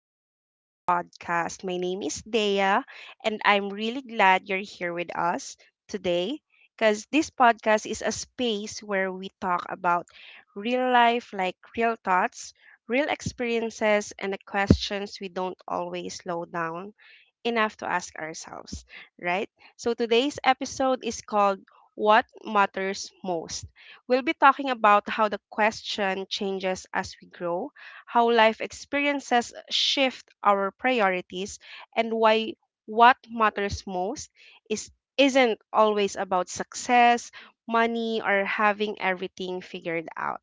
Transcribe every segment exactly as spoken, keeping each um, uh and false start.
Welcome to the podcast. My name is Dea, and I'm really glad you're here with us today because this podcast is a space where we talk about real life, like real thoughts, real experiences, and the questions we don't always slow down enough to ask ourselves, right? So today's episode is called What Matters Most. We'll be talking about how the question changes as we grow, how life experiences shift our priorities, and why what matters most is isn't always about success, money, or having everything figured out.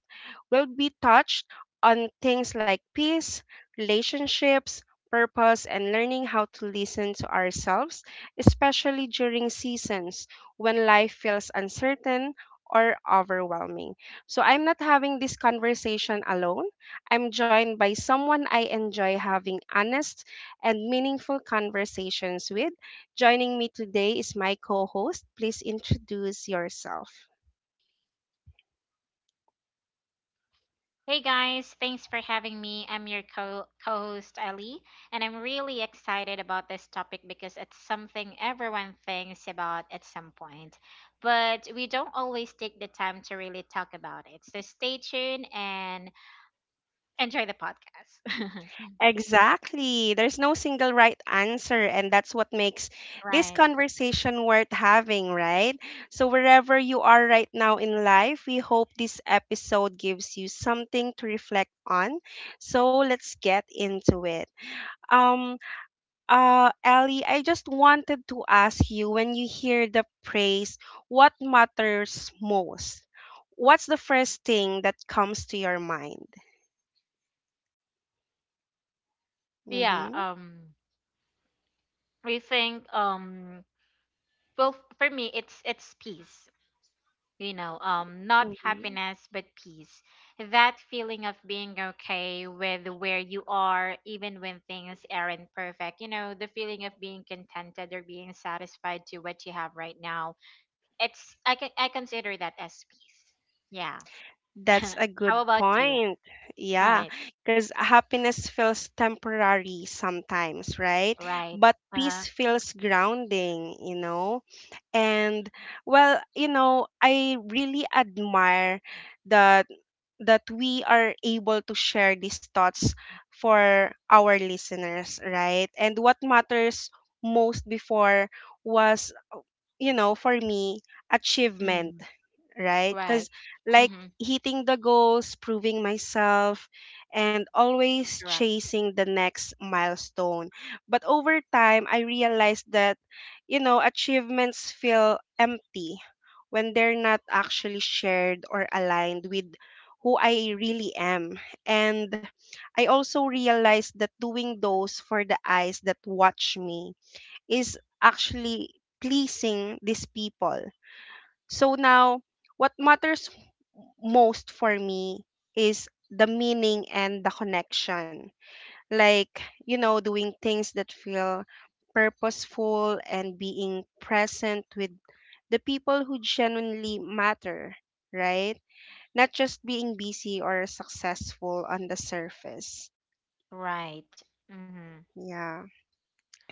We'll be touched on things like peace, relationships, purpose, and learning how to listen to ourselves, especially during seasons when life feels uncertain or overwhelming. So I'm not having this conversation alone. I'm joined by someone I enjoy having honest and meaningful conversations with. Joining me today is my co host. Please introduce yourself. Hey guys, thanks for having me. I'm your co host Ellie, and I'm really excited about this topic because it's something everyone thinks about at some point, but we don't always take the time to really talk about it. So stay tuned and enjoy the podcast. Exactly. There's no single right answer, and that's what makes this Right. conversation worth having, right? So, wherever you are right now in life, we hope this episode gives you something to reflect on. So, let's get into it. Um, Uh, Ellie, I just wanted to ask you, when you hear the praise, what matters most? What's the first thing that comes to your mind? Yeah, Mm-hmm. um we think um well f- for me it's it's peace. You know um not Mm-hmm. happiness but peace, that feeling of being okay with where you are even when things aren't perfect. You know, the feeling of being contented or being satisfied to what you have right now. It's i can i consider that as peace. Yeah. That's a good How about you? point. Yeah, Right. because happiness feels temporary sometimes, right? Right. But uh peace feels grounding, you know? And, well, you know, I really admire that that we are able to share these thoughts for our listeners, right? And what matters most before was, you know, for me, achievement, mm, right? Because, right. like, Mm-hmm, hitting the goals, proving myself, and always correct, chasing the next milestone. But over time, I realized that, you know, achievements feel empty when they're not actually shared or aligned with who I really am. And I also realized that doing those for the eyes that watch me is actually pleasing these people. So now, what matters most for me is the meaning and the connection. Like, you know, doing things that feel purposeful and being present with the people who genuinely matter, right? Not just being busy or successful on the surface. right. Mm-hmm. Yeah.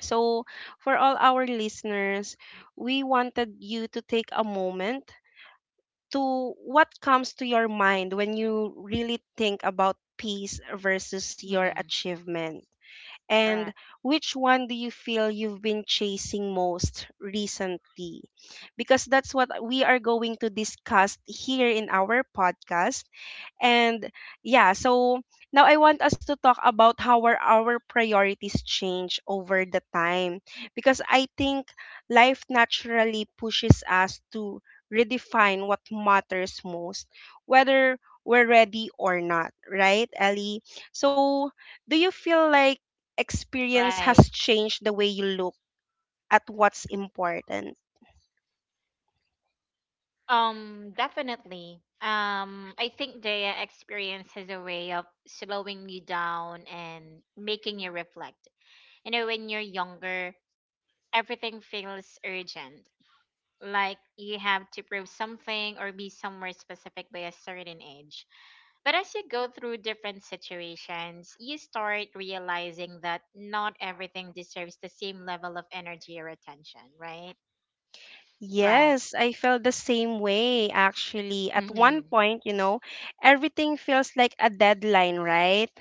So, for all our listeners, we wanted you to take a moment to what comes to your mind when you really think about peace versus your Mm-hmm. achievement. And Correct. which one do you feel you've been chasing most recently? Because that's what we are going to discuss here in our podcast. And yeah, so now I want us to talk about how our, our priorities change over the time. Because I think life naturally pushes us to redefine what matters most, whether we're ready or not, right, Ellie? So, do you feel like experience Right. has changed the way you look at what's important? Um, definitely. Um, I think the experience has a way of slowing you down and making you reflect. You know, when you're younger, everything feels urgent. Like you have to prove something or be somewhere specific by a certain age. But as you go through different situations, you start realizing that not everything deserves the same level of energy or attention, right? Right. Yes, I felt the same way actually. At one Hmm. point, you know, everything feels like a deadline, right?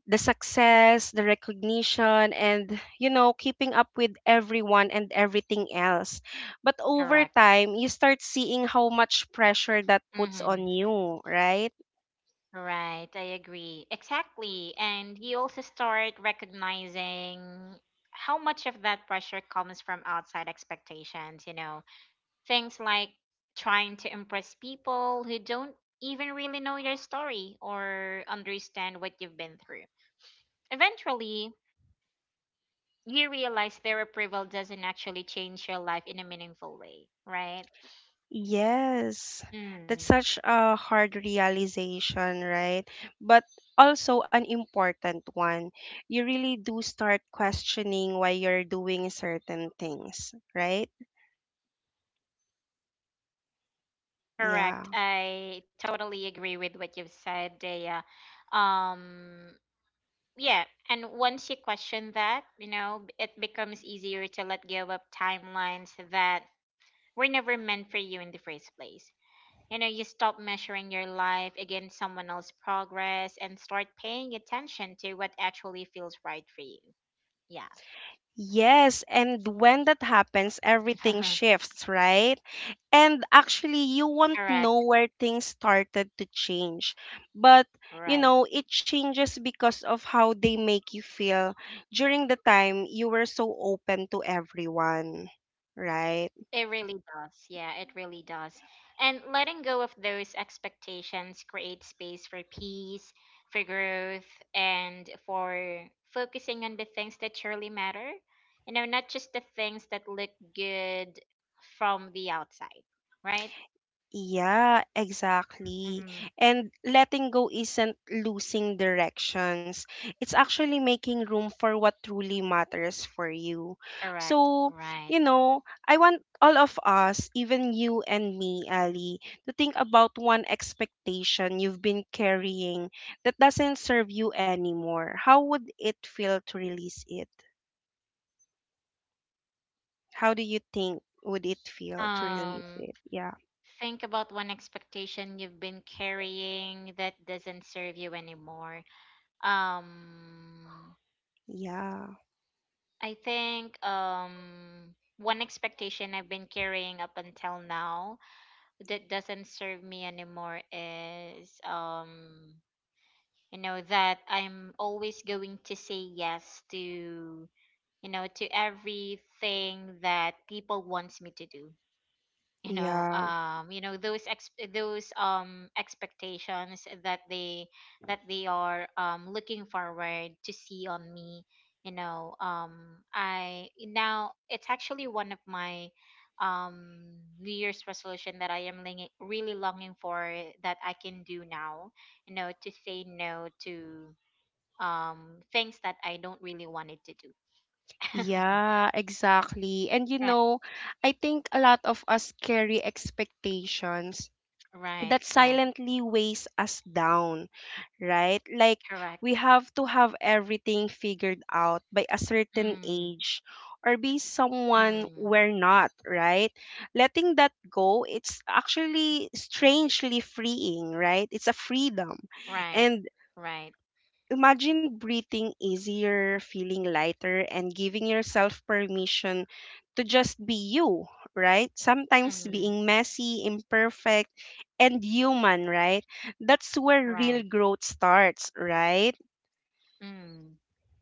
The success, the recognition, and, you know, keeping up with everyone and everything else. But over Correct. time, you start seeing how much pressure that puts Mm-hmm. on you, right? Right, I agree. Exactly. And you also start recognizing how much of that pressure comes from outside expectations, you know, things like trying to impress people who don't even really know your story or understand what you've been through. Eventually, you realize their approval doesn't actually change your life in a meaningful way, right? Yes, that's Mm, such a hard realization, right? But also an important one. You really do start questioning why you're doing certain things, right? Yeah. correct. I totally agree with what you've said, Dea. Um, yeah, and once you question that, you know, b- it becomes easier to let go of timelines that were never meant for you in the first place. You know, you stop measuring your life against someone else's progress and start paying attention to what actually feels right for you. Yeah. Yes, and when that happens, everything shifts, right? And actually, you won't Correct. know where things started to change, but you Right. know it changes because of how they make you feel during the time you were so open to everyone, right? It really does. Yeah, it really does. And letting go of those expectations creates space for peace, for growth, and for focusing on the things that truly matter. You know, not just the things that look good from the outside, right? Yeah, exactly. Mm-hmm. And letting go isn't losing directions. It's actually making room for what truly matters for you. Correct. So, Right. you know, I want all of us, even you and me, Ali, to think about one expectation you've been carrying that doesn't serve you anymore. How would it feel to release it? How do you think would it feel to release Um, it? Yeah. think about one expectation you've been carrying that doesn't serve you anymore. Um, Yeah. I think um one expectation I've been carrying up until now that doesn't serve me anymore is, um you know, that I'm always going to say yes to, you know, to everything that people wants me to do. you know Yeah. um you know those ex- those um expectations that they, that they are um looking forward to see on me. You know um i now it's actually one of my um new year's resolution that i am ling- really longing for, that I can do now, you know, to say no to um things that I don't really wanted to do. Yeah, exactly. And you Right. know, I think a lot of us carry expectations Right. that Right. silently weighs us down, right? Like, Correct. we have to have everything figured out by a certain Mm. age or be Mm. someone we're not, right? Letting that go, it's actually strangely freeing, right? It's a freedom. Right. And Right. imagine breathing easier, feeling lighter, and giving yourself permission to just be you, right? Sometimes Mm-hmm. being messy, imperfect, and human, right? That's where Right. real growth starts, right? Mm.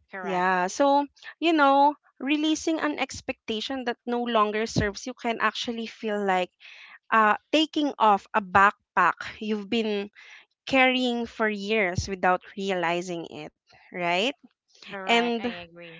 Correct. Yeah. So, you know, releasing an expectation that no longer serves you can actually feel like uh, taking off a backpack you've been carrying for years without realizing it, right? Correct. I And agree.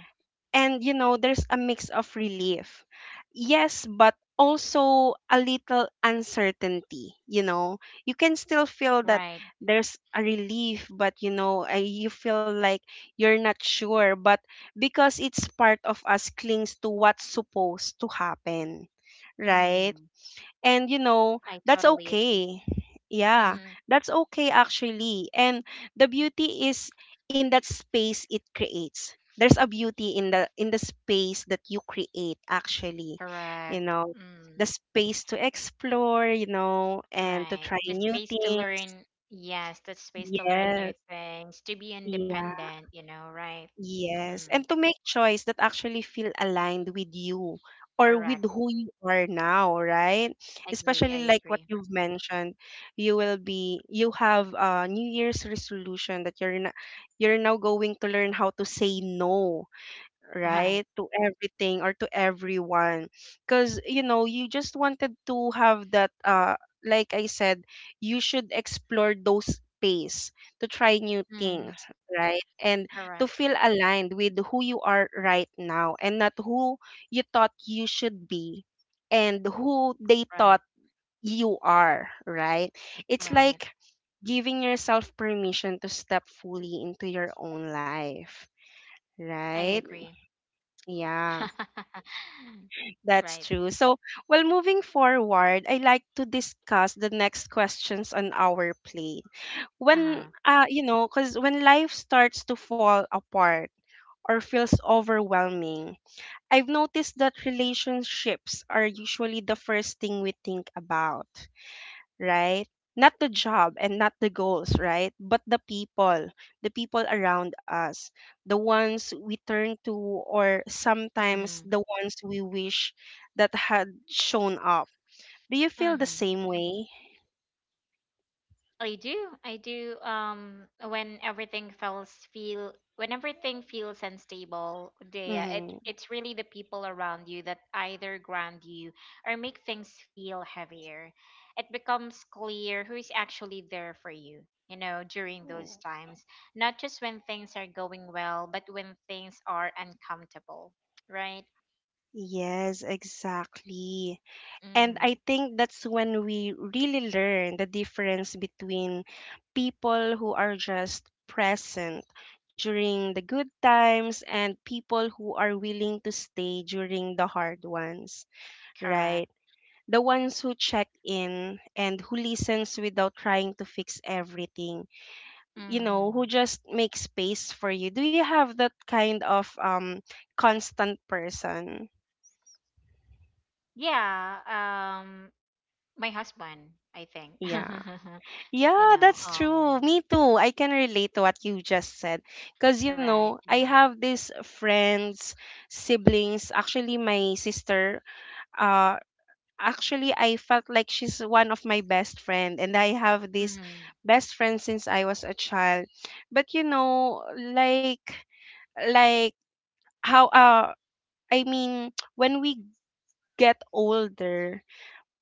and you know, there's a mix of relief, yes, but also a little uncertainty, you know, you can still feel that Right. there's a relief, but you know, uh, you feel like you're not sure, but because it's part of us clings to what's supposed to happen, right? Mm-hmm. And you know, I that's totally agree. okay. Yeah, Mm-hmm. that's okay actually. And the beauty is in that space it creates, there's a beauty in the in the space that you create actually. You Correct. know, the Mm. space to explore, you know, and to Right. try The new space to things. learn. Yes, the space to learn new Yes. things, to be Yeah. independent, you know, right? Yes, and Mm. to make choice that actually feel aligned with you or with Correct. who you are now, right? Agree. Especially I like what agree. you've mentioned, you will be you have a New Year's resolution that you're not, you're now going to learn how to say no, right, Right. to everything or to everyone, because you know, you just wanted to have that uh like I said, you should explore those space to try new things, Mm. right? And to Correct. feel aligned with who you are right now and not who you thought you should be and who they Right. thought you are, right? It's Right. like giving yourself permission to step fully into your own life, I right? agree. Yeah. Right. That's true. So, well, moving forward, I like to discuss the next questions on our plate. When, Uh-huh. uh, you know, because when life starts to fall apart or feels overwhelming, I've noticed that relationships are usually the first thing we think about, right? Not the job and not the goals, right? But the people, the people around us, the ones we turn to, or sometimes Mm-hmm. the ones we wish that had shown up. Do you feel the Mm-hmm. same way? I do. I do. Um, when everything feels feel when everything feels unstable, Dea, it Mm-hmm. it's really the people around you that either ground you or make things feel heavier. It becomes clear who is actually there for you. You know, during those times, not just when things are going well, but when things are uncomfortable, right? Yes, exactly. And Mm-hmm. I think that's when we really learn the difference between people who are just present during the good times and people who are willing to stay during the hard ones, Correct. right? The ones who check in and who listens without trying to fix everything, you know, who Mm-hmm. just make space for you. Do you have that kind of um constant person? Yeah. Um, my husband, I think. Yeah. you Yeah, know, that's true. um, Me too. I can relate to what you just said. Because, you know, right. you I know, have these friends, siblings. Actually, my sister, uh, actually, I felt like she's one of my best friend. And I have this Mm. best friend since I was a child. But, you know, like, like how, uh, I mean, when we get older,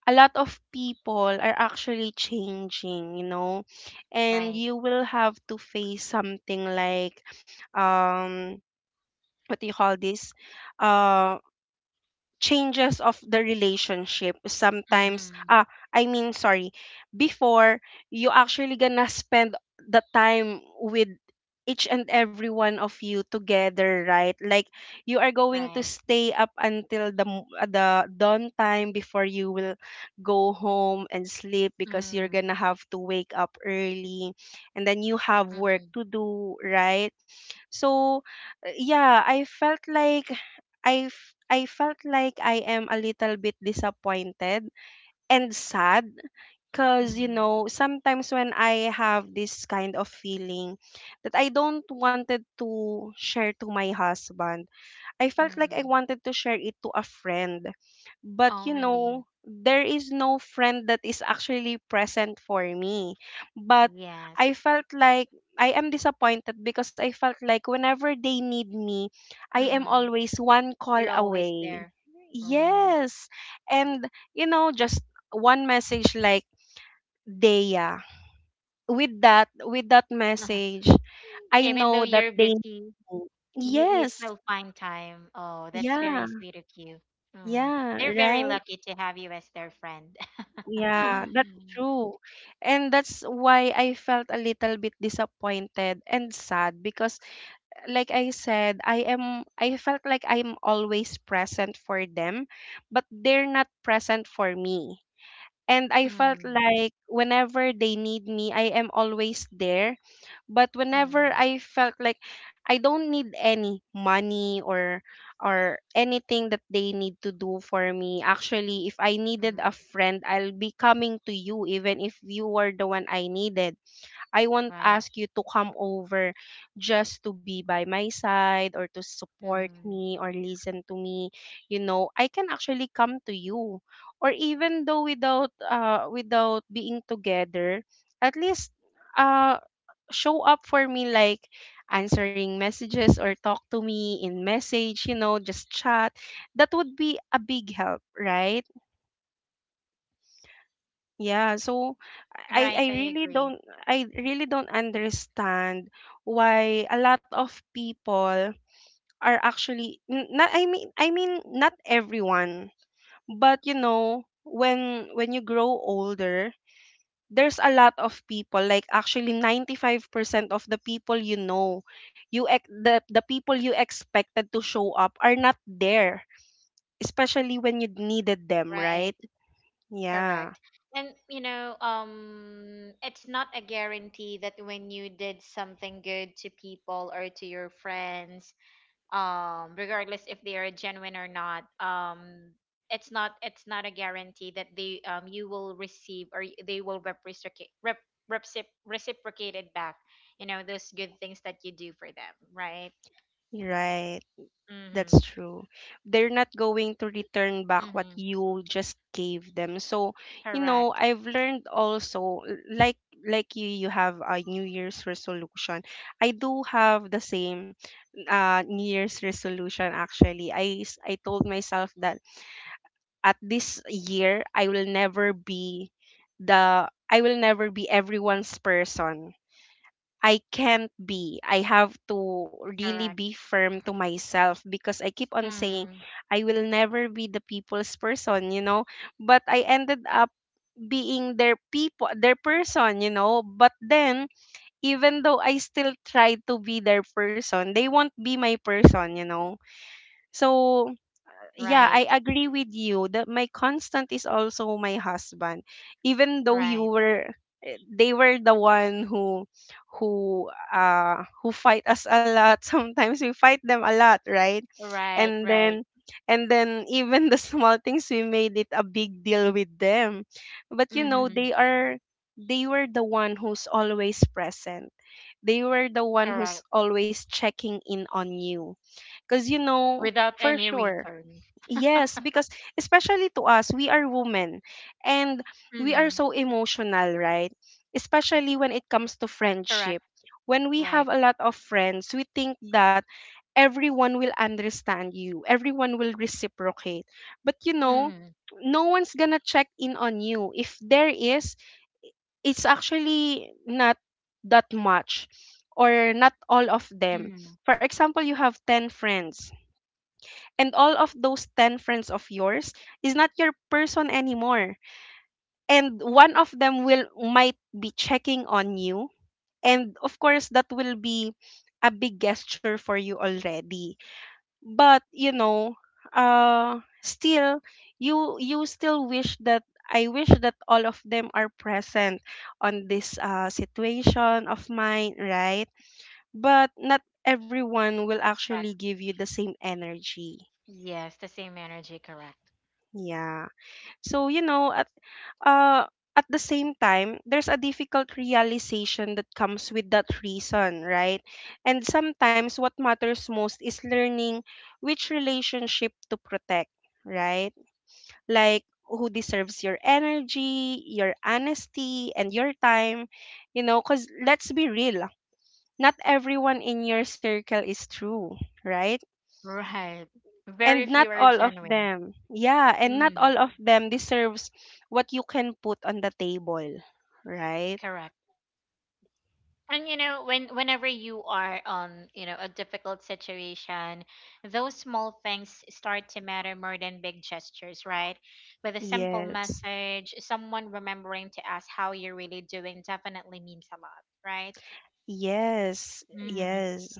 a lot of people are actually changing, you know, and Right. you will have to face something like, um, what do you call this? Uh, changes of the relationship sometimes. Mm-hmm. ah I mean, sorry, before, you actually gonna spend the time with each and every one of you together, right? Like, you are going to Right. stay up until the m- uh, the dawn time before you will go home and sleep because you're Mm. gonna have to wake up early and then you have Mm-hmm. work to do, right? So, uh, yeah, I felt like I f- I felt like I am a little bit disappointed and sad because you Mm. know, sometimes when I have this kind of feeling that I don't wanted to share to my husband, I felt like I Mm. wanted to share it to a friend. But Oh, you really? know, there is no friend that is actually present for me. But I Yes. felt like I am disappointed because I felt like whenever they need me, I am Mm-hmm. always one call You're always away. there. Um, Yes. And you know, just one message like, Dea. With that, with that message, I Even though know that you're they busy, need me. you, you Yes. still find time. Oh, that's very Yeah. sweet of you. Mm. Yeah, They're very right. lucky to have you as their friend. Yeah, that's Mm. true. And that's why I felt a little bit disappointed and sad because like I said, I am I felt like I'm always present for them, but they're not present for me. And I felt Mm. like whenever they need me, I am always there, but whenever Mm. I felt like I don't need any money or or anything that they need to do for me, actually, if I needed a friend, I'll be coming to you. Even if you were the one I needed, I won't Right. ask you to come over just to be by my side or to support Mm. me or listen to me. You know, I can actually come to you. Or even though without uh without being together, at least uh show up for me, like answering messages or talk to me in message, you know, just chat. That would be a big help, right? Yeah, so I Right, I I really agree. don't I really don't understand why a lot of people are actually n- not— I mean I mean not everyone, but you know when when you grow older, there's a lot of people, like actually ninety-five percent of the people, you know, you ex- the the people you expected to show up are not there, especially when you needed them, right? Right. Yeah, Correct. And you know, um it's not a guarantee that when you did something good to people or to your friends, um regardless if they are genuine or not, um it's not it's not a guarantee that they um you will receive, or y- they will reciprocate rep, recipro- reciprocate it back. You know, those good things that you do for them, right? right. That's Mhm. true. They're not going to return back what Mhm. you just gave them. So, you know, Correct. I've learned also, l- like like you, you have a New Year's resolution. I do have the same uh New Year's resolution actually. I s- I told myself that at this year I will never be the I will never be everyone's person. I can't be. I have to really be Correct. firm to myself because I keep on saying Mhm. I will never be the people's person, you know. But I ended up being their people, their person, you know. But then, even though I still try to be their person, they won't be my person, you know. So yeah, I Right. agree with you that my constant is also my husband. Even though you Right. were, eh, they were the one who— who uh who fight us a lot. Sometimes we fight them a lot, right? Right. And Right. then and then even the small things we made it a big deal with them. But you know, Mhm. they are— they were the one who's always present. They were the one who's Correct. always checking in on you. 'Cause you know, Without for any sure. return. Yes, because especially to us, we are women, and we are Hmm. so emotional, right? Especially when it comes to Correct. friendship. When we have Right. a lot of friends, we think that everyone will understand you, everyone will reciprocate. But you know, Hmm. no one's gonna check in on you. If there is, it's actually not that much, or not all of them. Hmm. For example, you have ten friends, and all of those ten friends of yours is not your person anymore, and one of them will might be checking on you, and of course that will be a big gesture for you already, but you know, uh still, you you still wish that— I wish that all of them are present on this uh, situation of mine, right? But not everyone will actually Correct. give you the same energy. Yes, the same energy. Correct. Yeah. So, you know, at uh at the same time, there's a difficult realization that comes with that reason, right? And sometimes what matters most is learning which relationship to protect, right? Like who deserves your energy, your honesty, and your time, you know, because let's be real, not everyone in your circle is true, right? Right. And Very not few are all of genuine. them— yeah, and not Mm, all of them deserves what you can put on the table, right? correct. And you know, when whenever you are on, you know, a difficult situation, those small things start to matter more than big gestures, right? With a simple yes message, someone remembering to ask how you're really doing definitely means a lot, right? yes Mm-hmm. yes.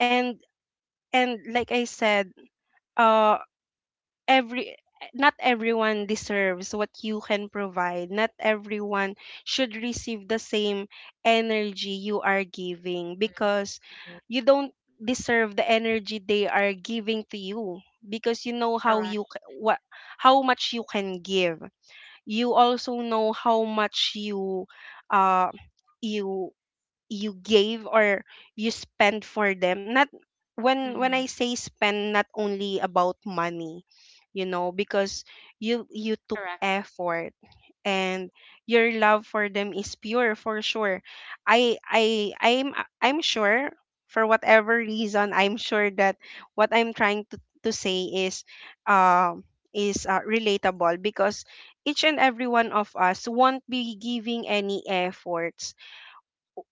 and and like I said, uh every— not everyone deserves what you can provide. Not everyone should receive the same energy you are giving, because you don't deserve the energy they are giving to you, because you know how Correct. you— c- what how much you can give. You also know how much you, uh you, you gave, or you spend for them— not when— when I Mm, say spend, not only about money, you know, because you you took correct. effort, and your love for them is pure, for sure. I i i'm i'm sure, for whatever reason, I'm sure that what I'm trying to, to say is, um is, uh, relatable, because each and every one of us won't be giving any effort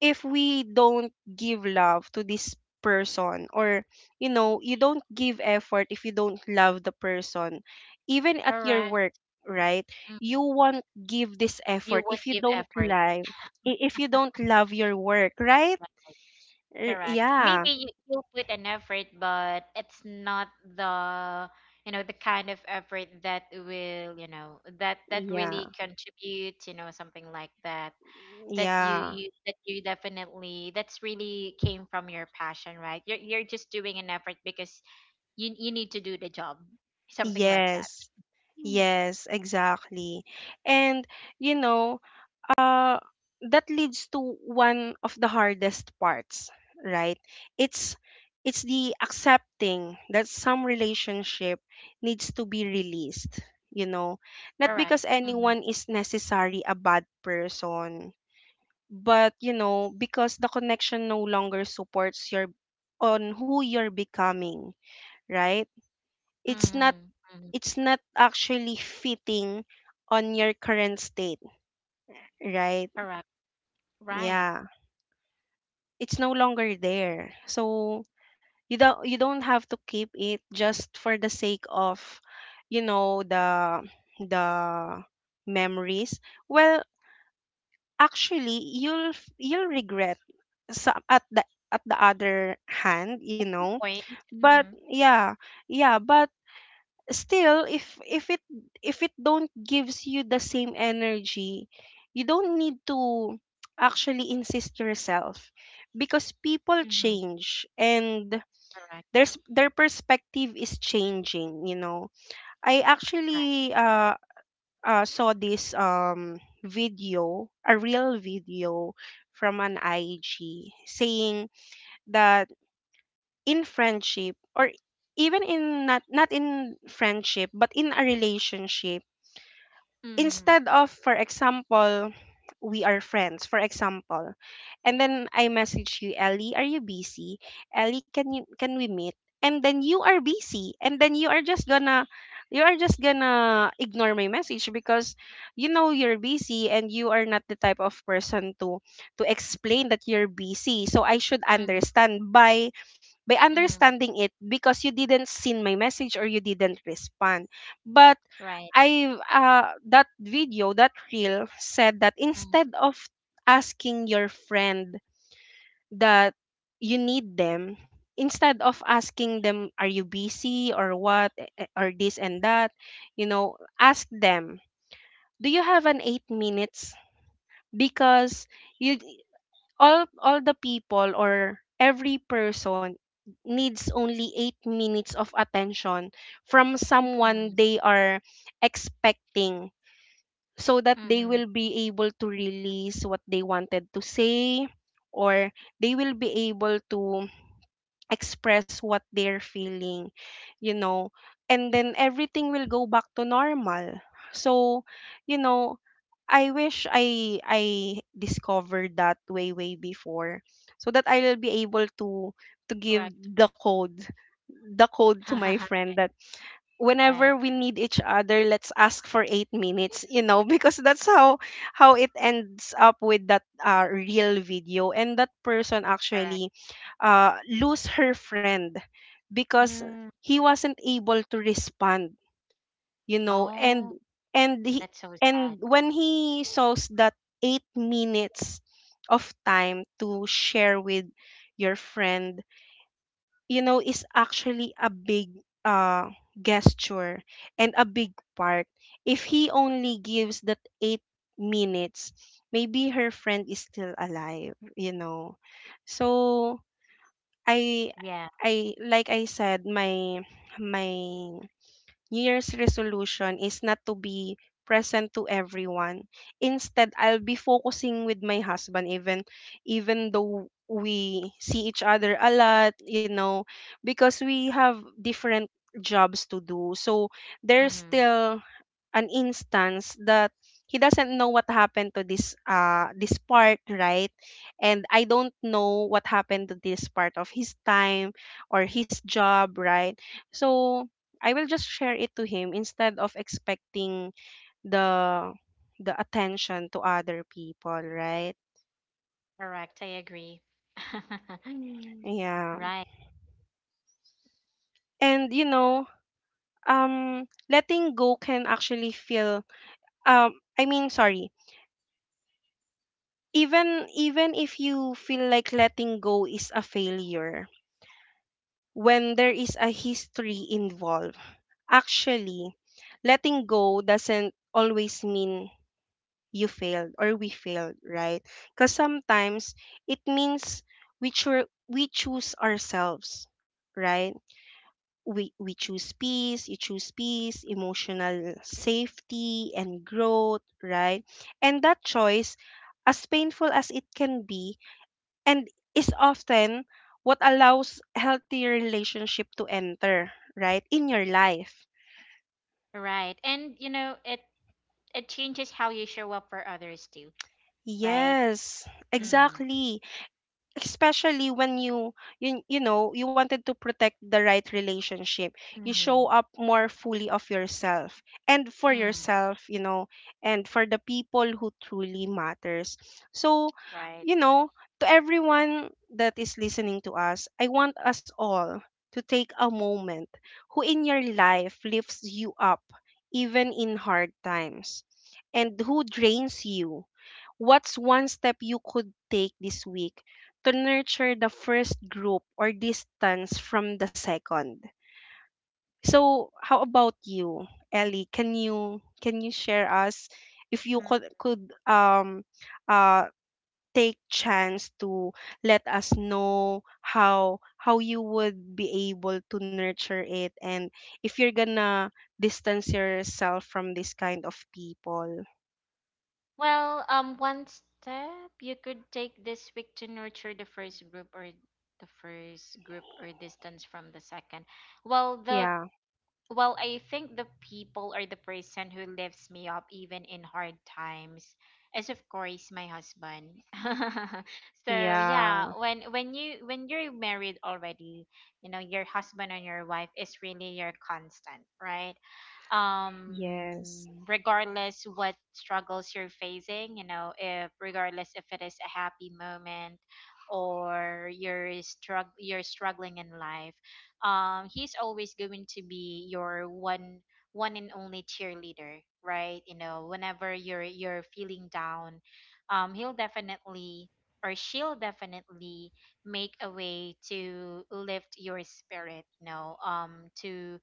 if we don't give love to this person, or, you know, you don't give effort if you don't love the person, even at your Correct. work, right? Mm, You won't give this you effort would if you give don't effort. lie— i- if you don't love your work, right? Right. R- Correct. yeah, Maybe you, you'll put an effort, but it's not the, you know, the kind of effort that will, you know, that that yeah, really contributes, you know, something like that, that you yeah, you that you definitely, that's really came from your passion, right? You're you're just doing an effort because you you need to do the job, something like that. yes. Mm. Yes, exactly. And you know, uh that leads to one of the hardest parts, right? It's it's the accepting that some relationship needs to be released, you know. Not Correct. because Mm-hmm. anyone is necessarily a bad person, but you know, because the connection no longer supports your— on who you're becoming, right? It's not Mm-hmm. Mm-hmm. it's not actually fitting on your current state, right? Correct. Right. Yeah. It's no longer there. So you don't you don't have to keep it just for the sake of, you know, the the memories. Well, actually you'll f- you'll regret— so at the— at the other hand, you know. Point. But Mm-hmm. yeah, yeah, but still, if if it if it don't gives you the same energy, you don't need to actually insist yourself, because people Mm-hmm. change, and Correct. there's— their perspective is changing, you know. I Correct. actually, uh, uh saw this um video, a real video, from an I G, saying that in friendship, or even in— not, not in friendship, but in a relationship, Mhm. instead of— for example, we are friends, for example, and then I message you, Ellie, are you busy? Ellie, can you— can we meet? And then you are busy, and then you are just gonna— you are just gonna ignore my message because, you know, you're busy, and you are not the type of person to— to explain that you're busy, so I should Mm-hmm. understand, by— by Mhm. understanding it, because you didn't seen my message, or you didn't respond. But Right. I, uh, that video, that reel said that, instead of asking your friend that you need them, instead of asking them, are you busy, or what, eh, eh, or this and that, you know, ask them, do you have an eight minutes? Because you— all all the people, or every person, needs only eight minutes of attention from Mm-hmm. someone they are expecting, so that they Mhm. will be able to release what they wanted to say, or they will be able to express what they're feeling, you know, and then everything will go back to normal. So, you know, I wish I I discovered that way, way before, so that I'll be able to to Correct. give the code, the code to my friend, that Right. whenever we need each other, let's ask for eight minutes, you know. Because that's how— how it ends up with that, uh, real video, and that person Correct. actually uh lose her friend, because Mm. he wasn't able to respond, you know, Oh, and and he, that's so sad. and when he saws that eight minutes of time to share with your friend, you know, is actually a big, uh gesture, and a big part. If he only gives that eight minutes, maybe her friend is still alive, you know. So I— Yeah. i like I said, my— my New Year's resolution is not to be present to everyone. Instead, I'll be focusing with my husband, even— even though we see each other a lot, you know, because we have different jobs to do. So there's Mhm. still an instance that he doesn't know what happened to this, uh this part, right? And I don't know what happened to this part of his time, or his job, right? So I will just share it to him, instead of expecting the the attention to other people, right? Correct. I agree. Yeah. Right. And you know, um letting go can actually feel, um I mean, sorry— even, even if you feel like letting go is a failure, when there is a history involved, actually, letting go doesn't always mean you failed, or we failed, right? Because sometimes it means we, cho- we choose ourselves, right? we, we choose peace— you choose peace, emotional safety, and growth, right? And that choice, as painful as it can be, and is often what allows healthy relationship to enter, right, in your life. Right. And you know, it it changes how you show up for others too. Right. Yes, Mm-hmm. exactly. Especially when you, you you know, you wanted to protect the right relationship, you show Mhm. up more fully of yourself, and for Mm. yourself, you know, and for the people who truly matters. So, Right. you know, to everyone that is listening to us, I want us all to take a moment. Who in your life lifts you up even in hard times, and who drains you? What's one step you could take this week to nurture the first group or distance from the second? So, how about you, Ellie? Can you— can you share us, if you could— could, um uh take chance to let us know how— how you would be able to nurture it, and if you're gonna distance yourself from this kind of people. Well, um, one step you could take this week to nurture the first group, or the first group or distance from the second. Well, the Yeah. well, I think the people or the person who lifts me up even in hard times is of course my husband. So yeah, Yeah. when when you when you're married already, you know, your husband and your wife is really your constant, right? um Yes. Regardless what struggles you're facing, you know, if regardless if it is a happy moment or you're strugg you're struggling in life, um he's always going to be your one one and only cheerleader, right? You know, whenever you're you're feeling down, um he'll definitely or she'll definitely make a way to lift your spirit, you know, um to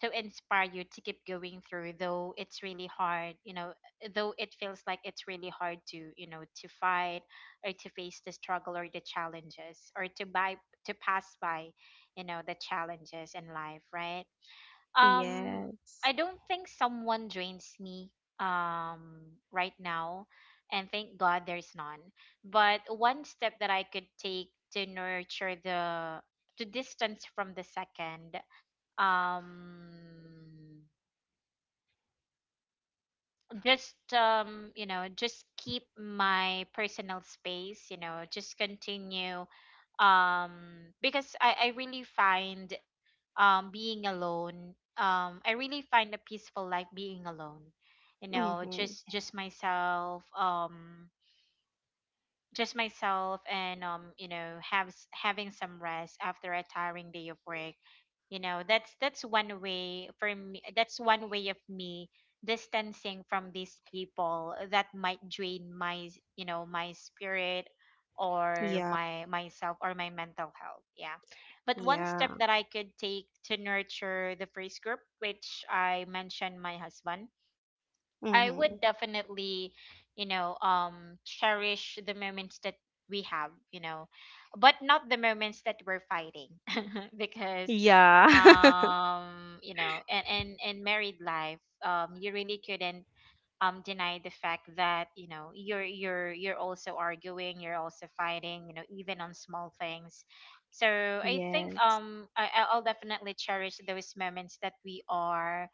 to inspire you to keep going through, though it's really hard, you know. Eh, though it feels like it's really hard to, you know, to fight or to face the struggle or the challenges, or to buy, to pass by, you know, the challenges in life, right? um Yes. I don't think someone drains me um right now, and thank god there's none. But one step that I could take to nurture the to distance from the second, um just, um you know, just keep my personal space. You know, just continue, um because i i really find, um being alone, um I really find a peaceful life being alone, you know, Mm-hmm. just just myself. Um just myself and, um you know, have s- having some rest after a tiring day of work. You know, that's that's one way for me, that's one way of me distancing from these people that might drain my, you know, my spirit or Yeah. my myself or my mental health. Yeah. But one step Yeah. that I could take to nurture the first group, which I mentioned, my husband, I would Mm-hmm. definitely, you know, um, cherish the moments that we have, you know, but not the moments that we're fighting, because, Yeah. um, you know, and and in married life, um, you really couldn't um deny the fact that, you know, you're you're you're also arguing, you're also fighting, you know, even on small things. So I think, Yes. um I, I- I'll definitely cherish those moments that we are,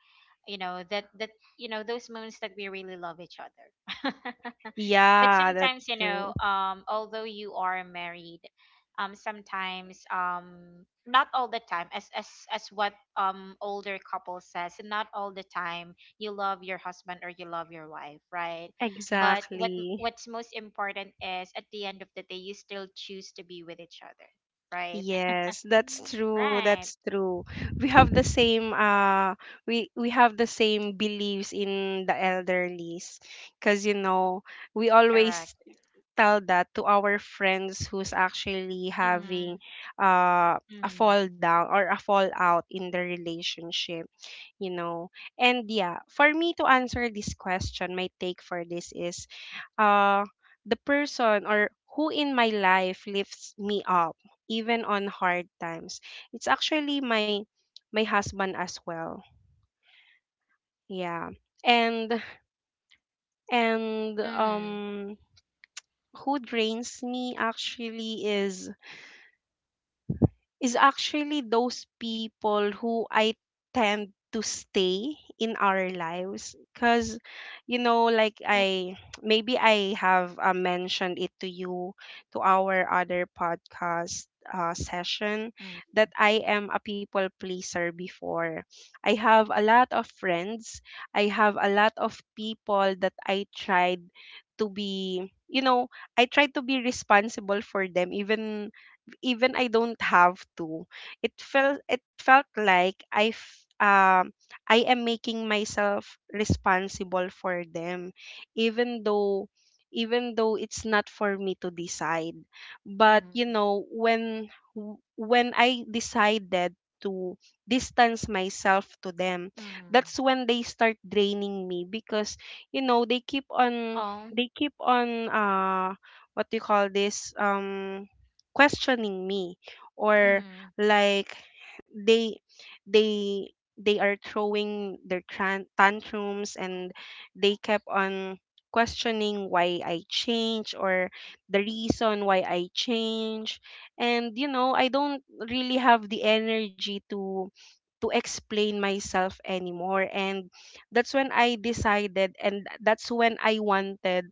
you know, that that you know, those moments that we really love each other. But Yeah, sometimes, that's you know, true. um although you are married, um sometimes, um not all the time, as as as what um older couple says, not all the time you love your husband or you love your wife, right? But what Exactly. what's most important is at the end of the day, you still choose to be with each other, right? Yes, that's Mm. true. Right. That's true. We have the same uh we we have the same beliefs in the elderlies because you know, we always Correct. tell that to our friends who's actually having Mhm. uh a Mhm. fall down or a fallout in the relationship, you know and yeah, for me to answer this question, my take for this is uh the person or who in my life lifts me up even on hard times, it's actually my my husband as well, yeah. and and Mhm. um who drains me actually is is actually those people who I tend to stay in our lives because you know, like Mhm. I maybe I have uh, mentioned it to you, to our other podcast uh, session, that I am a people pleaser before. I have a lot of friends, I have a lot of people that I tried to be, you know I tried to be responsible for them, even even I don't have to. It felt it felt like I f- um I am making myself responsible for them, even though even though it's not for me to decide. But you Mhm. know, when w- when I decided to distance myself to them, Mhm. that's when they start draining me because you know, they keep on, Oh. they keep on uh what do you call this um questioning me, or Mhm. like, they they they are throwing their tran- tantrums and they kept on questioning why I change, or the reason why I change. And you know, I don't really have the energy to to explain myself anymore, and that's when I decided, and that's when I wanted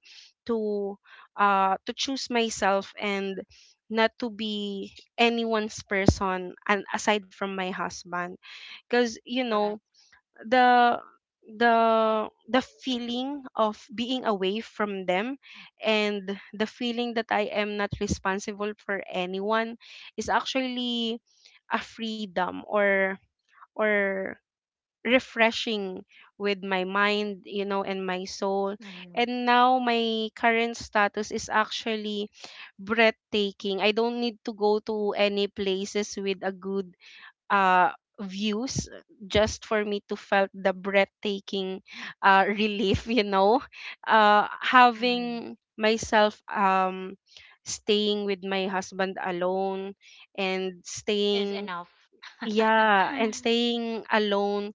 to uh to choose myself and not to be anyone's person, and aside from my husband. Because you Correct. know, the the the feeling of being away from them and the feeling that I am not responsible for anyone is actually a freedom, or or refreshing with my mind, you know, and my soul. Mhm. And now my current status is actually breathtaking. I don't need to go to any places with a good uh views just for me to felt the breathtaking uh relief, you know. Uh Mhm. Having myself um staying with my husband alone, and Is staying enough. yeah, and staying alone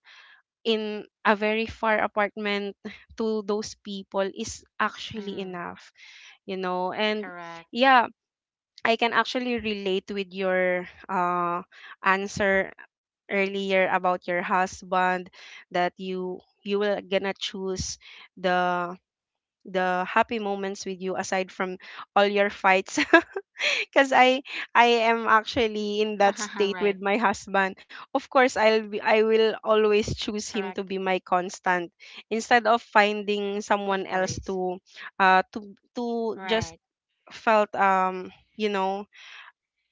in a very far apartment to those people is actually Mhm. enough, you know and Correct. yeah, I can actually relate with your uh answer earlier about your husband, that you you will gonna choose the the happy moments with you aside from all your fights because I I am Right. actually in that state with my husband. Of course, I'll be, I will Correct. always choose him to be my constant, instead of Of course. finding someone else to uh to Right. to just felt um you know,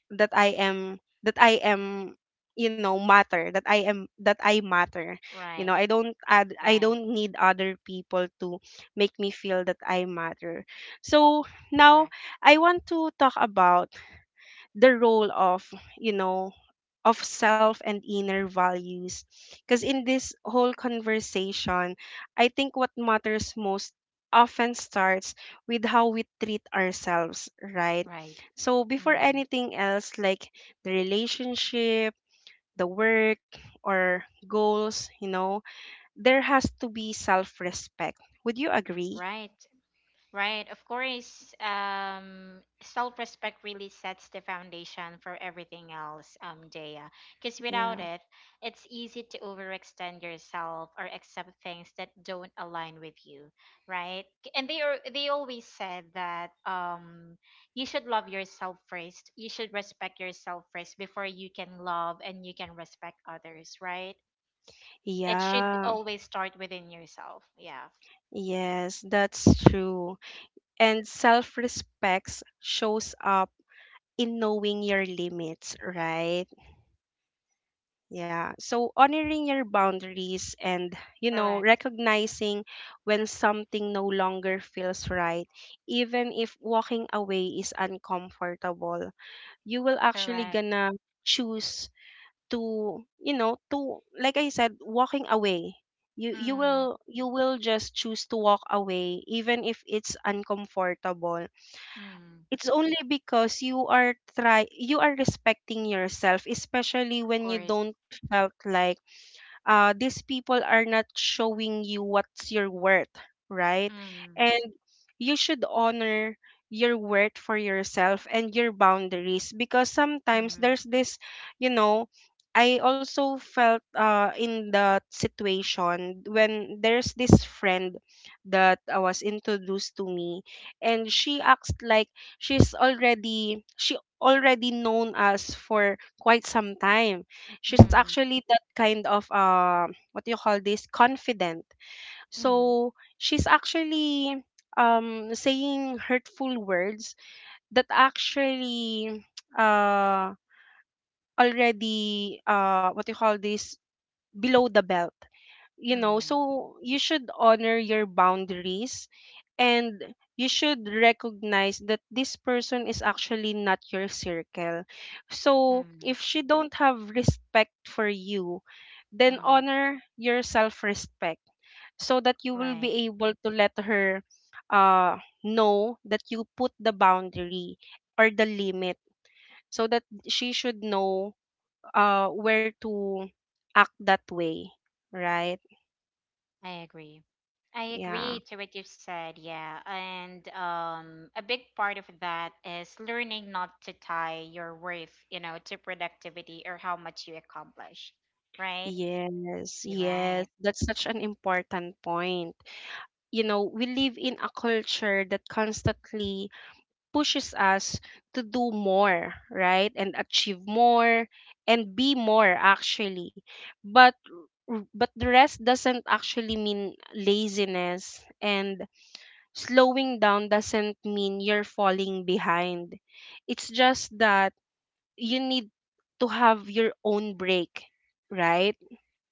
that I am that I am you know, matter that I am that I matter. Right. You know, I don't Right. add I don't need other people to make me feel that I matter. So now Correct. I want to talk about the role of, you know, of self and inner values. Because in this whole conversation, I think what matters most often starts with how we treat ourselves, right? Right. So, before Mm. anything else, like the relationship, the work, or goals, you know, there has to be self respect. Would you agree? Right. Right. Of course, um, self-respect really sets the foundation for everything else, um, Dea. Because without Yeah. it, it's easy to overextend yourself or accept things that don't align with you, right? K- And they are they always said that, um, you should love yourself first. You should respect yourself first before you can love and you can respect others, right? It should Yeah. always start within yourself. Yeah. Yes, that's true. And self respect shows up in knowing your limits, right? Yeah. So honoring your boundaries and, you know, Correct. recognizing when something no longer feels right, even if walking away is uncomfortable, you will actually Correct. gonna choose to, you know, to, like I said, walking away. You you Mm. will, you will just choose to walk away even if it's uncomfortable. Mm. It's only because you are try you are respecting yourself, especially Of when you course. don't felt like, uh, these people are not showing you what's your worth, right? Mm. And you should honor your worth for yourself and your boundaries, because sometimes Mm. there's this, you know, I also felt uh, in that situation, when there's this friend that uh, was introduced to me and she acts like she's already she already known us for quite some time. She's Mm. actually that kind of uh, what do you call this confident, Mm. so she's actually um saying hurtful words that actually uh already uh what do you call this below the belt, you know. Mm. So you should honor your boundaries, and you should recognize that this person is actually not your circle. So if Mm. she don't have respect for you, then Mm. honor your self respect, so that you will Right. be able to let her uh know that you put the boundary or the limit, so that she should know uh where to act that way, right? I agree. I agree Yeah. to what you've said, yeah. And um, a big part of that is learning not to tie your worth, you know, to productivity or how much you accomplish. Right? Yes, You're yes. right. That's such an important point. You know, we live in a culture that constantly pushes us to do more, right? And achieve more, and be more actually. But r- but the rest doesn't actually mean laziness, and slowing down doesn't mean you're falling behind. It's just that you need to have your own break, right?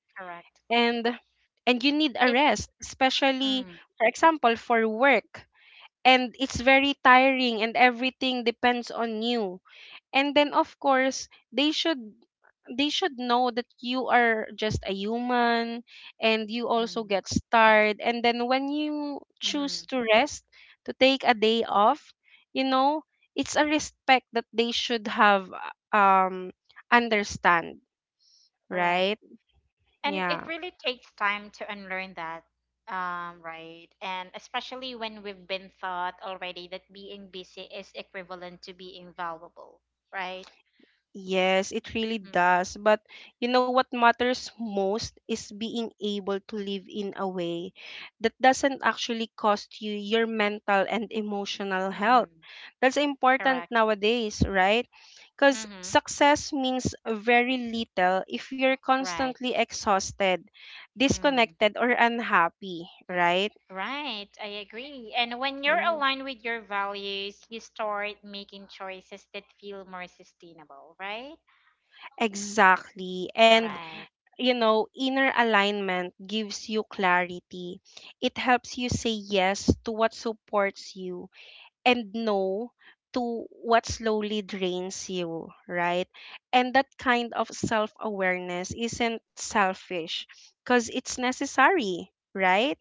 Correct. and and you need a It. rest, especially Mm, for example for work, and it's very tiring and everything depends on you, and then of course they should, they should know that you are just a human and you also mm, get tired. And then when you choose mm, to rest, to take a day off, you know, it's a respect that they should have, um understand, correct. right? And Yeah. it really takes time to unlearn that, um, right? And especially when we've been taught already that being busy is equivalent to being valuable, right? Yes, it really Mm-hmm. does. But you know, what matters most is being able to live in a way that doesn't actually cost you your mental and emotional health. Mm-hmm. That's important Correct. nowadays, right? Because Mm-hmm. success means very little if you're Right. constantly exhausted, Mm-hmm. disconnected, or unhappy, right? Right. I agree. And when you're Yeah. aligned with your values, you start making choices that feel more sustainable, right? Exactly. And Right. you know, inner alignment gives you clarity. It helps you say yes to what supports you and no to what slowly drains you, right? And that kind of self awareness isn't selfish because it's necessary, right?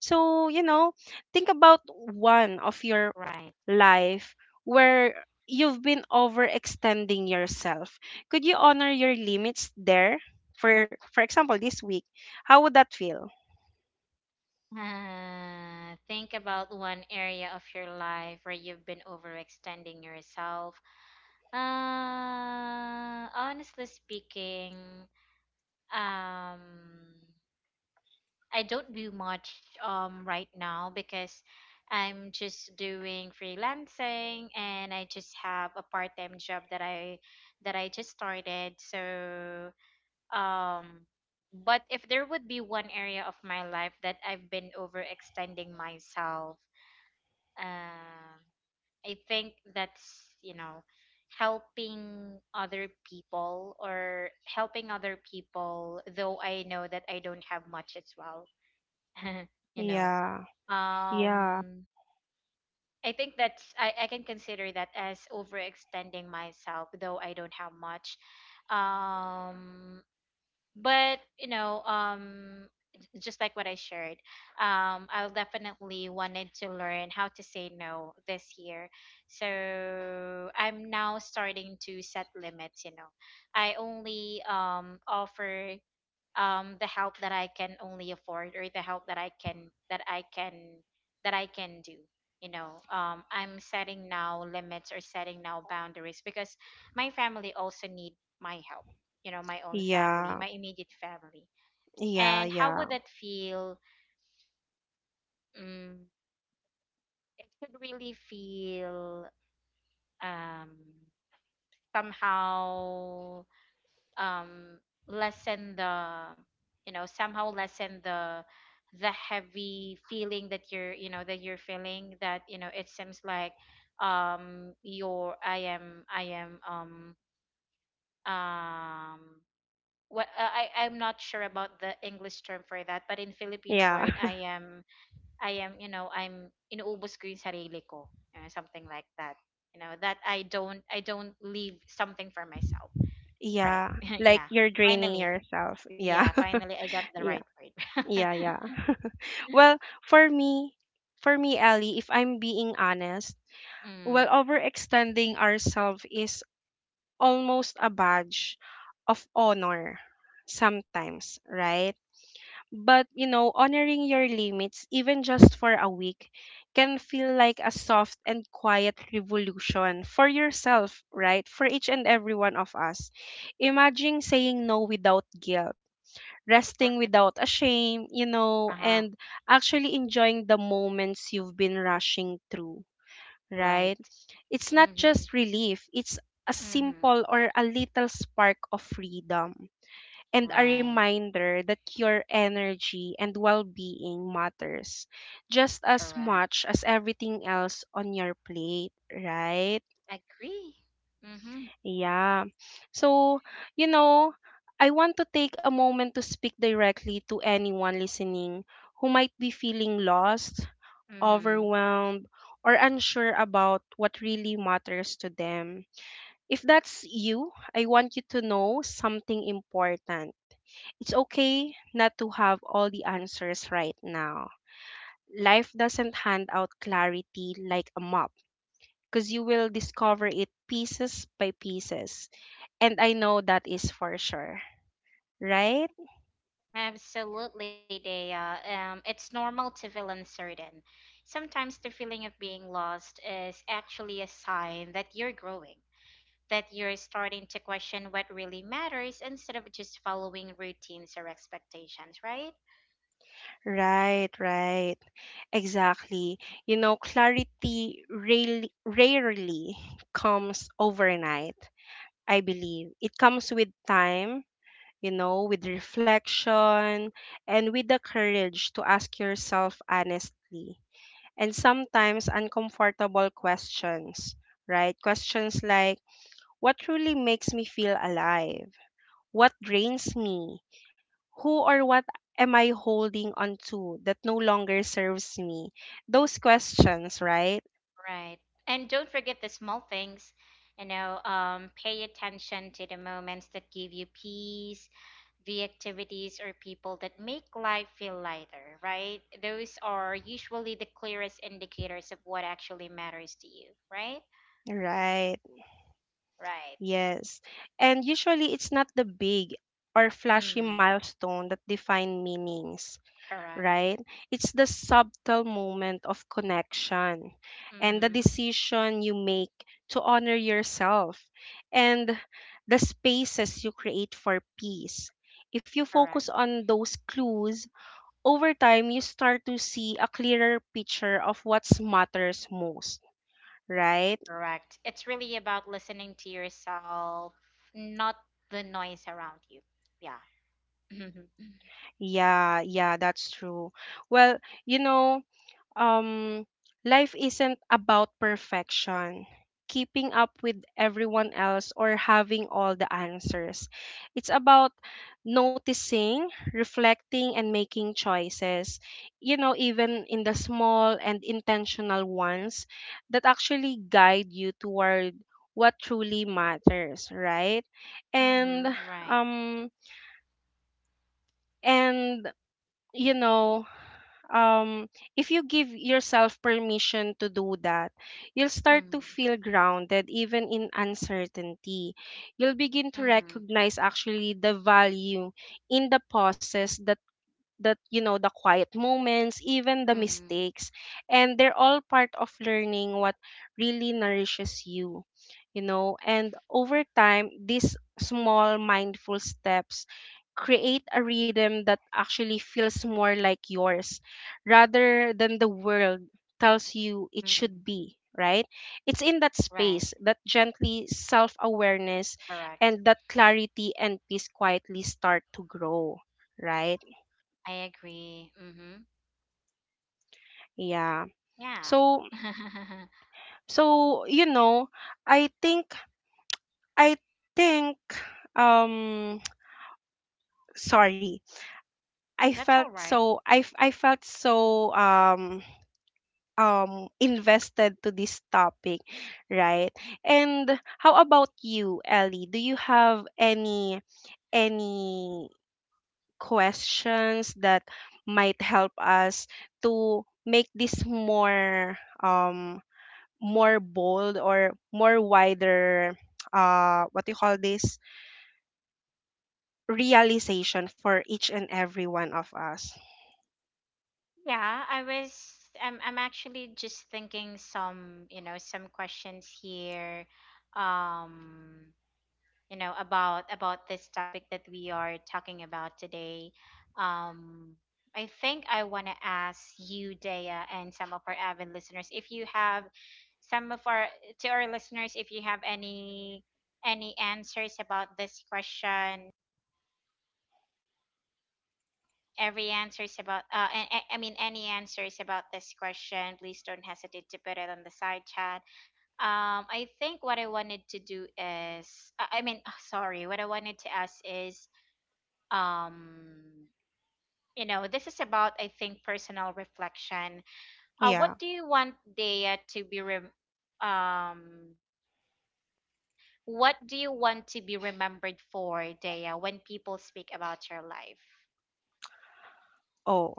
So, you know, think about one of your Right. life where you've been overextending yourself. Could you honor your limits there? For for example, this week, how would that feel? Uh, think about one area of your life where you've been overextending yourself. Uh, honestly speaking, um, I don't do much um right now because I'm just doing freelancing and I just have a part-time job that I that I just started. So, um, but if there would be one area of my life that I've been overextending myself. Um, I think that's, you know, helping other people or helping other people, though I know that I don't have much as well. you know, Yeah. Yeah. um, I think that's, I, I can consider that as overextending myself, though I don't have much. Um, but you know um j- just like what I shared, um I'll definitely wanted to learn how to say no this year, so I'm now starting to set limits, you know. I only um offer um, the help that I can only afford or the help that I can that I can that I can do. You know, um, I'm setting now limits or setting now boundaries because my family also need my help. You know, my own Yeah. family, my immediate family. Yeah, And how yeah. would that feel? Mm, it could really feel um, somehow um lessen the you know somehow lessen the the heavy feeling that you're you know that you're feeling that you know it seems like um your I am I am um um what I I- I'm not sure about the English term for that, but in Filipino Yeah. word, I am I am you know I'm inuubos ko yung sarili ko, uh, something like that. You know that I don't I don't leave something for myself, right? Yeah. Like Yeah, you're draining finally. yourself. Yeah. Yeah, finally I got the Yeah. right word. Yeah, yeah. Well, for me, for me, Ellie, if I'm being honest, well, Mm, overextending ourselves is almost a badge of honor sometimes, right? But, you know, honoring your limits, even just for a week, can feel like a soft and quiet revolution for yourself, right? For each and every one of us. Imagine saying no without guilt, resting right. without a shame, you know, Uh-huh. and actually enjoying the moments you've been rushing through, right? Right. It's not Mm-hmm. just relief, it's a Mm-hmm. simple or a little spark of freedom, and a Right. reminder that your energy and well-being matters just as Correct. much as everything else on your plate, right? Agree. Mm-hmm. Yeah. So, you know, I want to take a moment to speak directly to anyone listening who might be feeling lost, Mm-hmm. overwhelmed, or unsure about what really matters to them. If that's you, I want you to know something important. It's okay not to have all the answers right now. Life doesn't hand out clarity like a map, because you will discover it pieces by pieces. And I know that is for sure. Right? Absolutely, Dea. Um, it's normal to feel uncertain. Sometimes the feeling of being lost is actually a sign that you're growing, that you're starting to question what really matters instead of just following routines or expectations, right? Right, right. Exactly. You know, clarity rarely, rarely comes overnight, I believe. It comes with time, you know, with reflection, and with the courage to ask yourself honestly and sometimes uncomfortable questions, right? Questions like, what truly makes me feel alive? What drains me? Who or what am I holding on to that no longer serves me? Those questions, right? Right. And don't forget the small things. You know, um, pay attention to the moments that give you peace, the activities or people that make life feel lighter, right? Those are usually the clearest indicators of what actually matters to you, right? Right. Right. Yes. And usually it's not the big or flashy Mm, milestone that define meanings, correct. right? It's the subtle moment of connection, and the Mm-hmm. decision you make to honor yourself, and the spaces you create for peace. If you focus Correct. on those clues, over time you start to see a clearer picture of what matters most, right? Correct. It's really about listening to yourself, not the noise around you. Yeah. Yeah, yeah, that's true. Well, you know, um, life isn't about perfection, keeping up with everyone else, or having all the answers. It's about noticing, reflecting, and making choices, you know, even in the small and intentional ones that actually guide you toward what truly matters, right? And, Mm-hmm. Right. um, and you know, um, if you give yourself permission to do that, you'll start to Mm-hmm. feel grounded even in uncertainty. You'll begin to Mm-hmm. recognize actually the value in the pauses, that that you know, the quiet moments, even the Mm, mistakes, and they're all part of learning what really nourishes you, you know. And over time these small mindful steps create a rhythm that actually feels more like yours rather than the world tells you it should mm, be, right? It's in that right, space that gently self-awareness correct. and that clarity and peace quietly start to grow, right? I agree. Mm-hmm. Yeah. Yeah. So so you know, I think I think um sorry. I felt That's all right. so I f- I felt so um um invested to this topic, right? And how about you, Ellie? Do you have any any questions that might help us to make this more um more bold or more wider? Uh what do you call this realization for each and every one of us? Yeah, I was I'm I'm actually just thinking some, you know, some questions here. Um you know, about about this topic that we are talking about today. um I think I want to ask you, Daya, and some of our avid listeners, if you have some of our, to our listeners, if you have any any answers about this question, every answers about uh a- a- I mean, any answers about this question, please don't hesitate to put it on the side chat. um I think what I wanted to do is i I mean sorry, what I wanted to ask is, um you know, this is about, I think, personal reflection. Uh yeah. What do you want Daya to be rem- um what do you want to be remembered for, Daya, when people speak about your life? Oh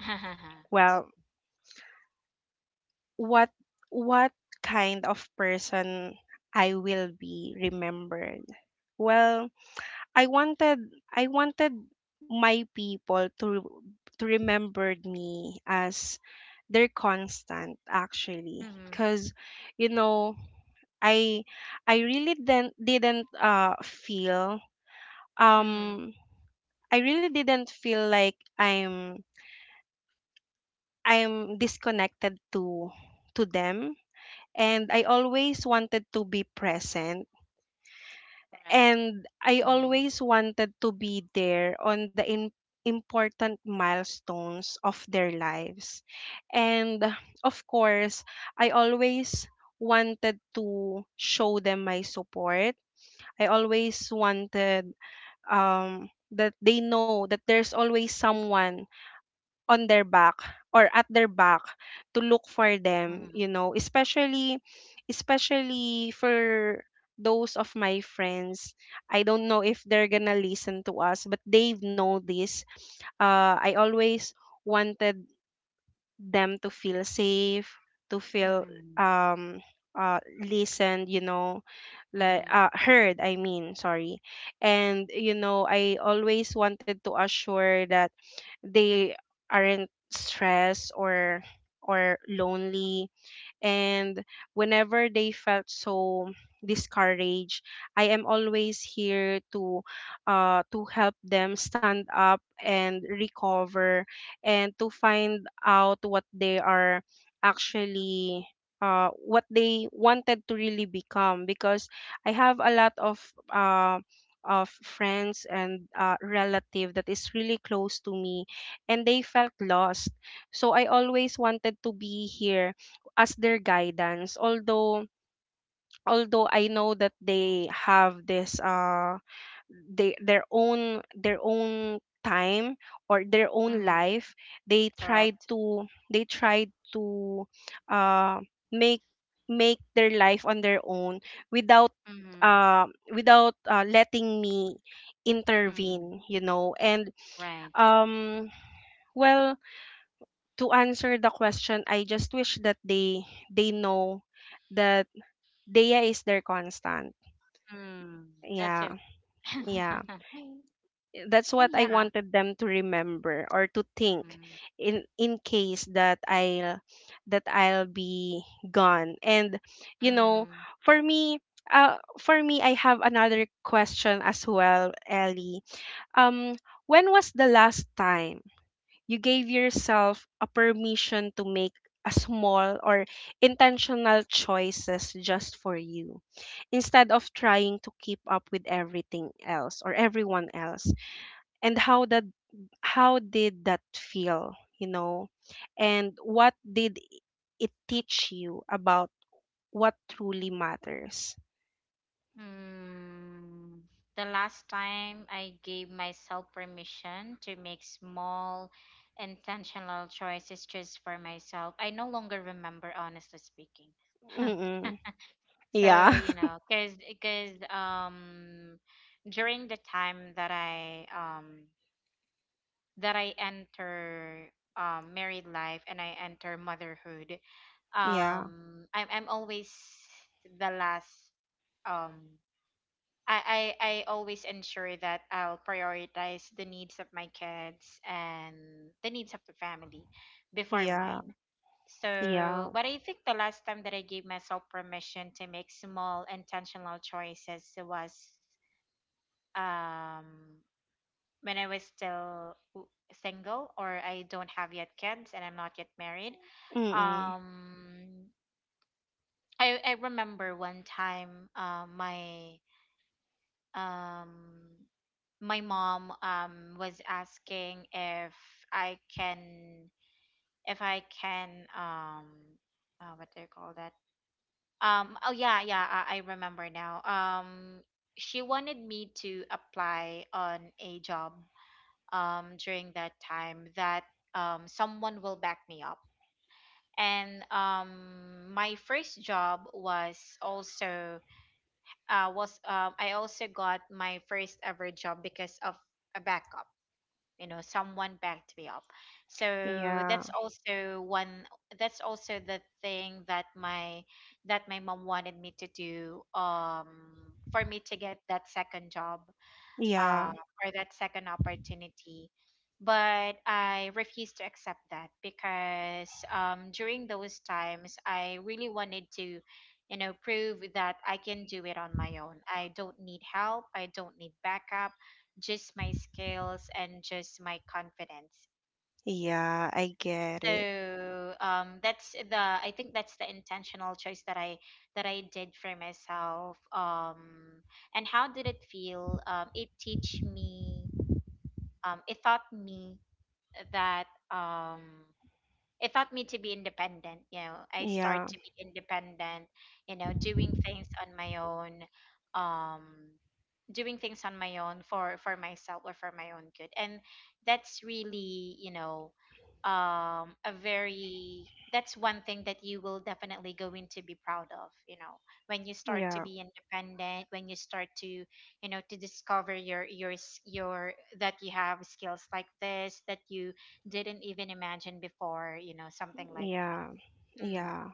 well, what what kind of person I will be remembered? Well, i wanted i wanted my people to to remember me as their constant, actually, Mm-hmm. because you know, I I really didn't didn't uh feel Mm-hmm. um I really didn't feel like I'm I'm disconnected to to them. And I always wanted to be present, Correct. and I Mm-hmm. always wanted to be there on the im- important milestones of their lives. And of course, I always wanted to show them my support. I always wanted, um, that they know that there's always someone on their back or at their back to look for them, Mm-hmm. you know, especially especially for those of my friends. I don't know if they're gonna listen to us, but they know this. uh, I always wanted them to feel safe, to feel Mm-hmm. um uh listened, you know, like Mm-hmm. uh heard, I mean, sorry. And you know, I always wanted to assure that they aren't stressed or or lonely, and whenever they felt so discouraged, I am always here to uh, to help them stand up and recover, and to find out what they are actually uh, what they wanted to really become. Because I have a lot of uh, of friends and uh, relative that is really close to me, and they felt lost. So I always wanted to be here as their guidance, although although I know that they have this uh they their own, their own time or their own Mm-hmm. life. They tried Correct. to — they tried to uh make make their life on their own, without Mm-hmm. uh without uh, letting me Mm-hmm. intervene, you know. And Right. um well, to answer the question, I just wish that they they know that Dea is their constant. Mm, that's Yeah, it. yeah. That's And what I yeah. wanted them to remember or to think Mm, in in case that I that I'll be gone. And you know, mm. for me, uh for me, I have another question as well, Ellie. Um when was the last time you gave yourself a permission to make a small or intentional choices just for you instead of trying to keep up with everything else or everyone else, and how that how did that feel, you know, and what did it teach you about what truly matters? Mm, the last time I gave myself permission to make small, intentional choices just for myself, I no longer remember, honestly speaking. Mm-mm. Yeah. So you know, because because um during the time that I um that I enter um married life and I enter motherhood, yeah, um I'm I'm always the last, um I, I, I always ensure that I'll prioritize the needs of my kids and the needs of the family before yeah, mine. yeah. So, but I think the last time that I gave myself permission to make small intentional choices was um, when I was still w- single, or I don't have yet kids and I'm not yet married. Mm-mm. Um, I, I remember one time, uh, my um my mom um was asking if I can, if I can um uh, what do you call that, um oh yeah yeah, I, I remember now. Um she wanted me to apply on a job um during that time that um someone will back me up. And um My first job was also uh was um I also got my first ever job because of a backup, you know, someone backed me up. So Yeah, that's also one, that's also the thing that my that my mom wanted me to do, um for me to get that second job, uh, yeah, or that second opportunity. But I refused to accept that because, um, during those times, I really wanted to, you know, prove that I can do it on my own. I don't need help, I don't need backup, just my skills and just my confidence. yeah, I get it. So um, that's the, I think that's the intentional choice that I that I did for myself. Um, and how did it feel? Um, it teach me um, it taught me that, um, it taught me to be independent. You know, I start Yeah, to be independent. You know, doing things on my own. Um, doing things on my own for for myself or for my own good. And that's really, you know, um a very, that's one thing that you will definitely going to be proud of, you know, when you start to yeah, be independent, when you start to, you know, to discover your your s- your, that you have skills like this that you didn't even imagine before, you know, something like yeah, that. Mm, yeah,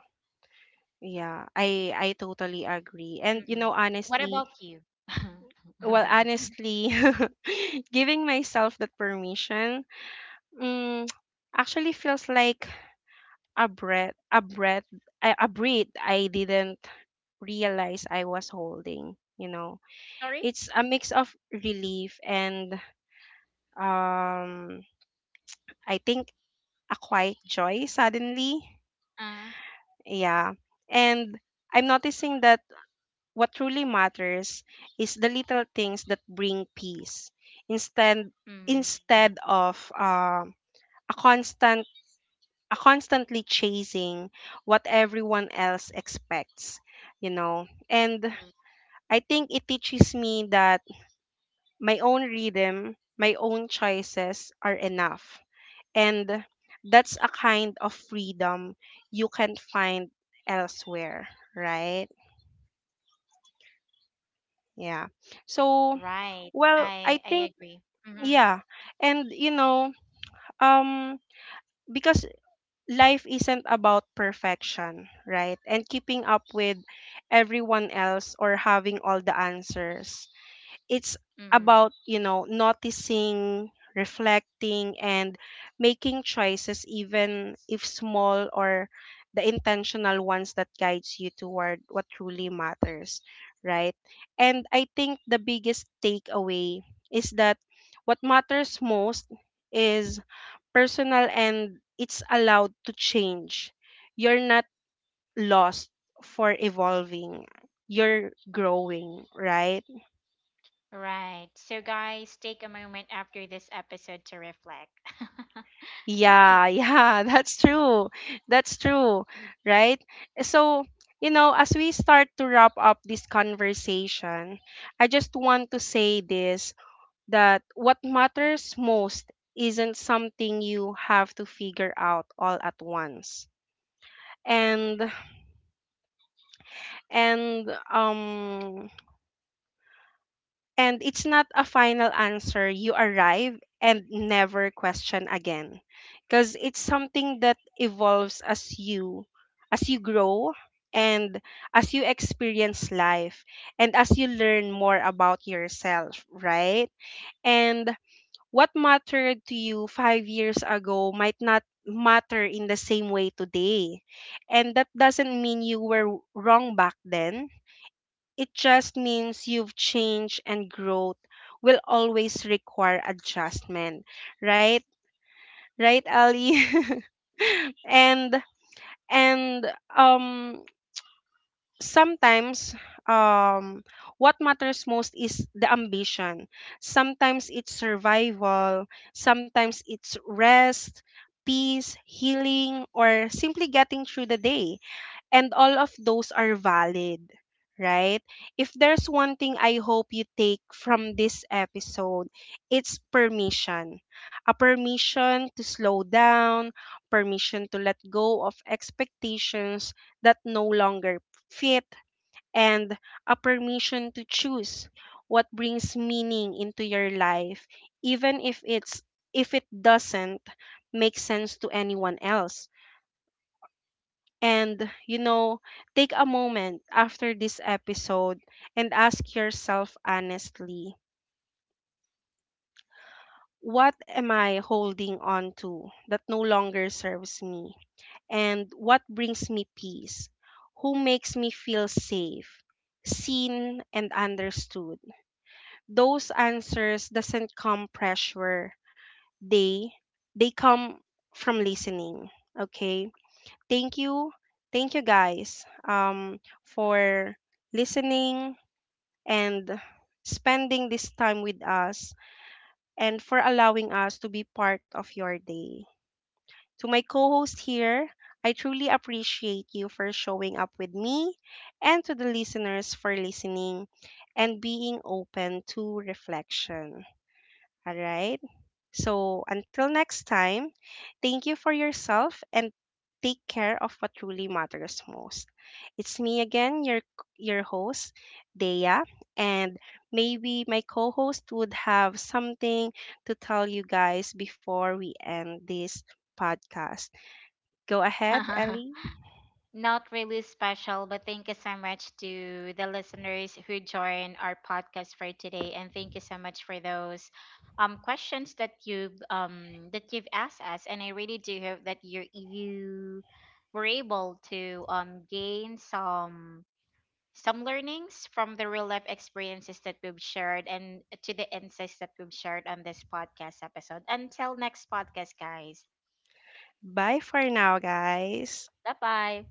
yeah, I I totally agree. And you mm. know, What honestly, about you? well, honestly, giving myself that permission, mm, actually feels like a breath, a breath, a, a breath I didn't realize I was holding. You know, Sorry. it's a mix of relief and um, I think a quiet joy suddenly. Uh, Yeah, and I'm noticing that. What truly matters is the little things that bring peace instead, mm, instead of uh, a constant — a constantly chasing what everyone else expects, you know. mm. And I think it teaches me that my own rhythm, my own choices are enough. And that's a kind of freedom you can find elsewhere, right? Yeah. So, Right. well, I I I think — agree. Mhm. yeah. And you know, um because life isn't about perfection, right? And keeping up with everyone else or having all the answers, it's Mhm. about, you know, noticing, reflecting, and making choices, even if small, or the intentional ones that guides you toward what truly matters, right? And I think the biggest takeaway is that what matters most is personal, and it's allowed to change. You're not lost for evolving, you're growing, right? Right. So guys, take a moment after this episode to reflect. Right. Yeah, yeah, that's true. That's true, right? So, you know, as we start to wrap up this conversation, I just want to say this: that what matters most isn't something you have to figure out all at once. And and um And it's not a final answer you arrive and never question again, because it's something that evolves as you, as you grow, and as you experience life, and as you learn more about yourself, right? And what mattered to you five years ago might not matter in the same way today. And that doesn't mean you were wrong back then, it just means you've changed, and growth will always require adjustment, right? Right, Ali? and and um Sometimes um what matters most is the ambition. Sometimes it's survival, sometimes it's rest, peace, healing, or simply getting through the day. And all of those are valid, right? If there's one thing I hope you take from this episode, it's permission. A permission to slow down, permission to let go of expectations that no longer fit, and a permission to choose what brings meaning into your life, even if it's if it doesn't make sense to anyone else. And, you know, take a moment after this episode and ask yourself honestly: what am I holding on to that no longer serves me? And what brings me peace? Who makes me feel safe? Seen and understood. Those answers doesn't come pressure. They they come from listening. Okay? Thank you, thank you guys, um for listening and spending this time with us, and for allowing us to be part of your day. To my co-host here, I truly appreciate you for showing up with me, and to the listeners for listening and being open to reflection. All right, so until next time, thank you for yourself, and take care of what truly matters most. It's me again, your your host, Dea, and maybe my co-host would have something to tell you guys before we end this podcast. Go ahead, Ellie. Not really special, but thank you so much to the listeners who joined our podcast for today and thank you so much for those um questions that you've um that you've asked us, and I really do hope that you you were able to um gain some some learnings from the real life experiences that we've shared and to the insights that we've shared on this podcast episode. Until next podcast, guys. Bye for now, guys. Bye bye.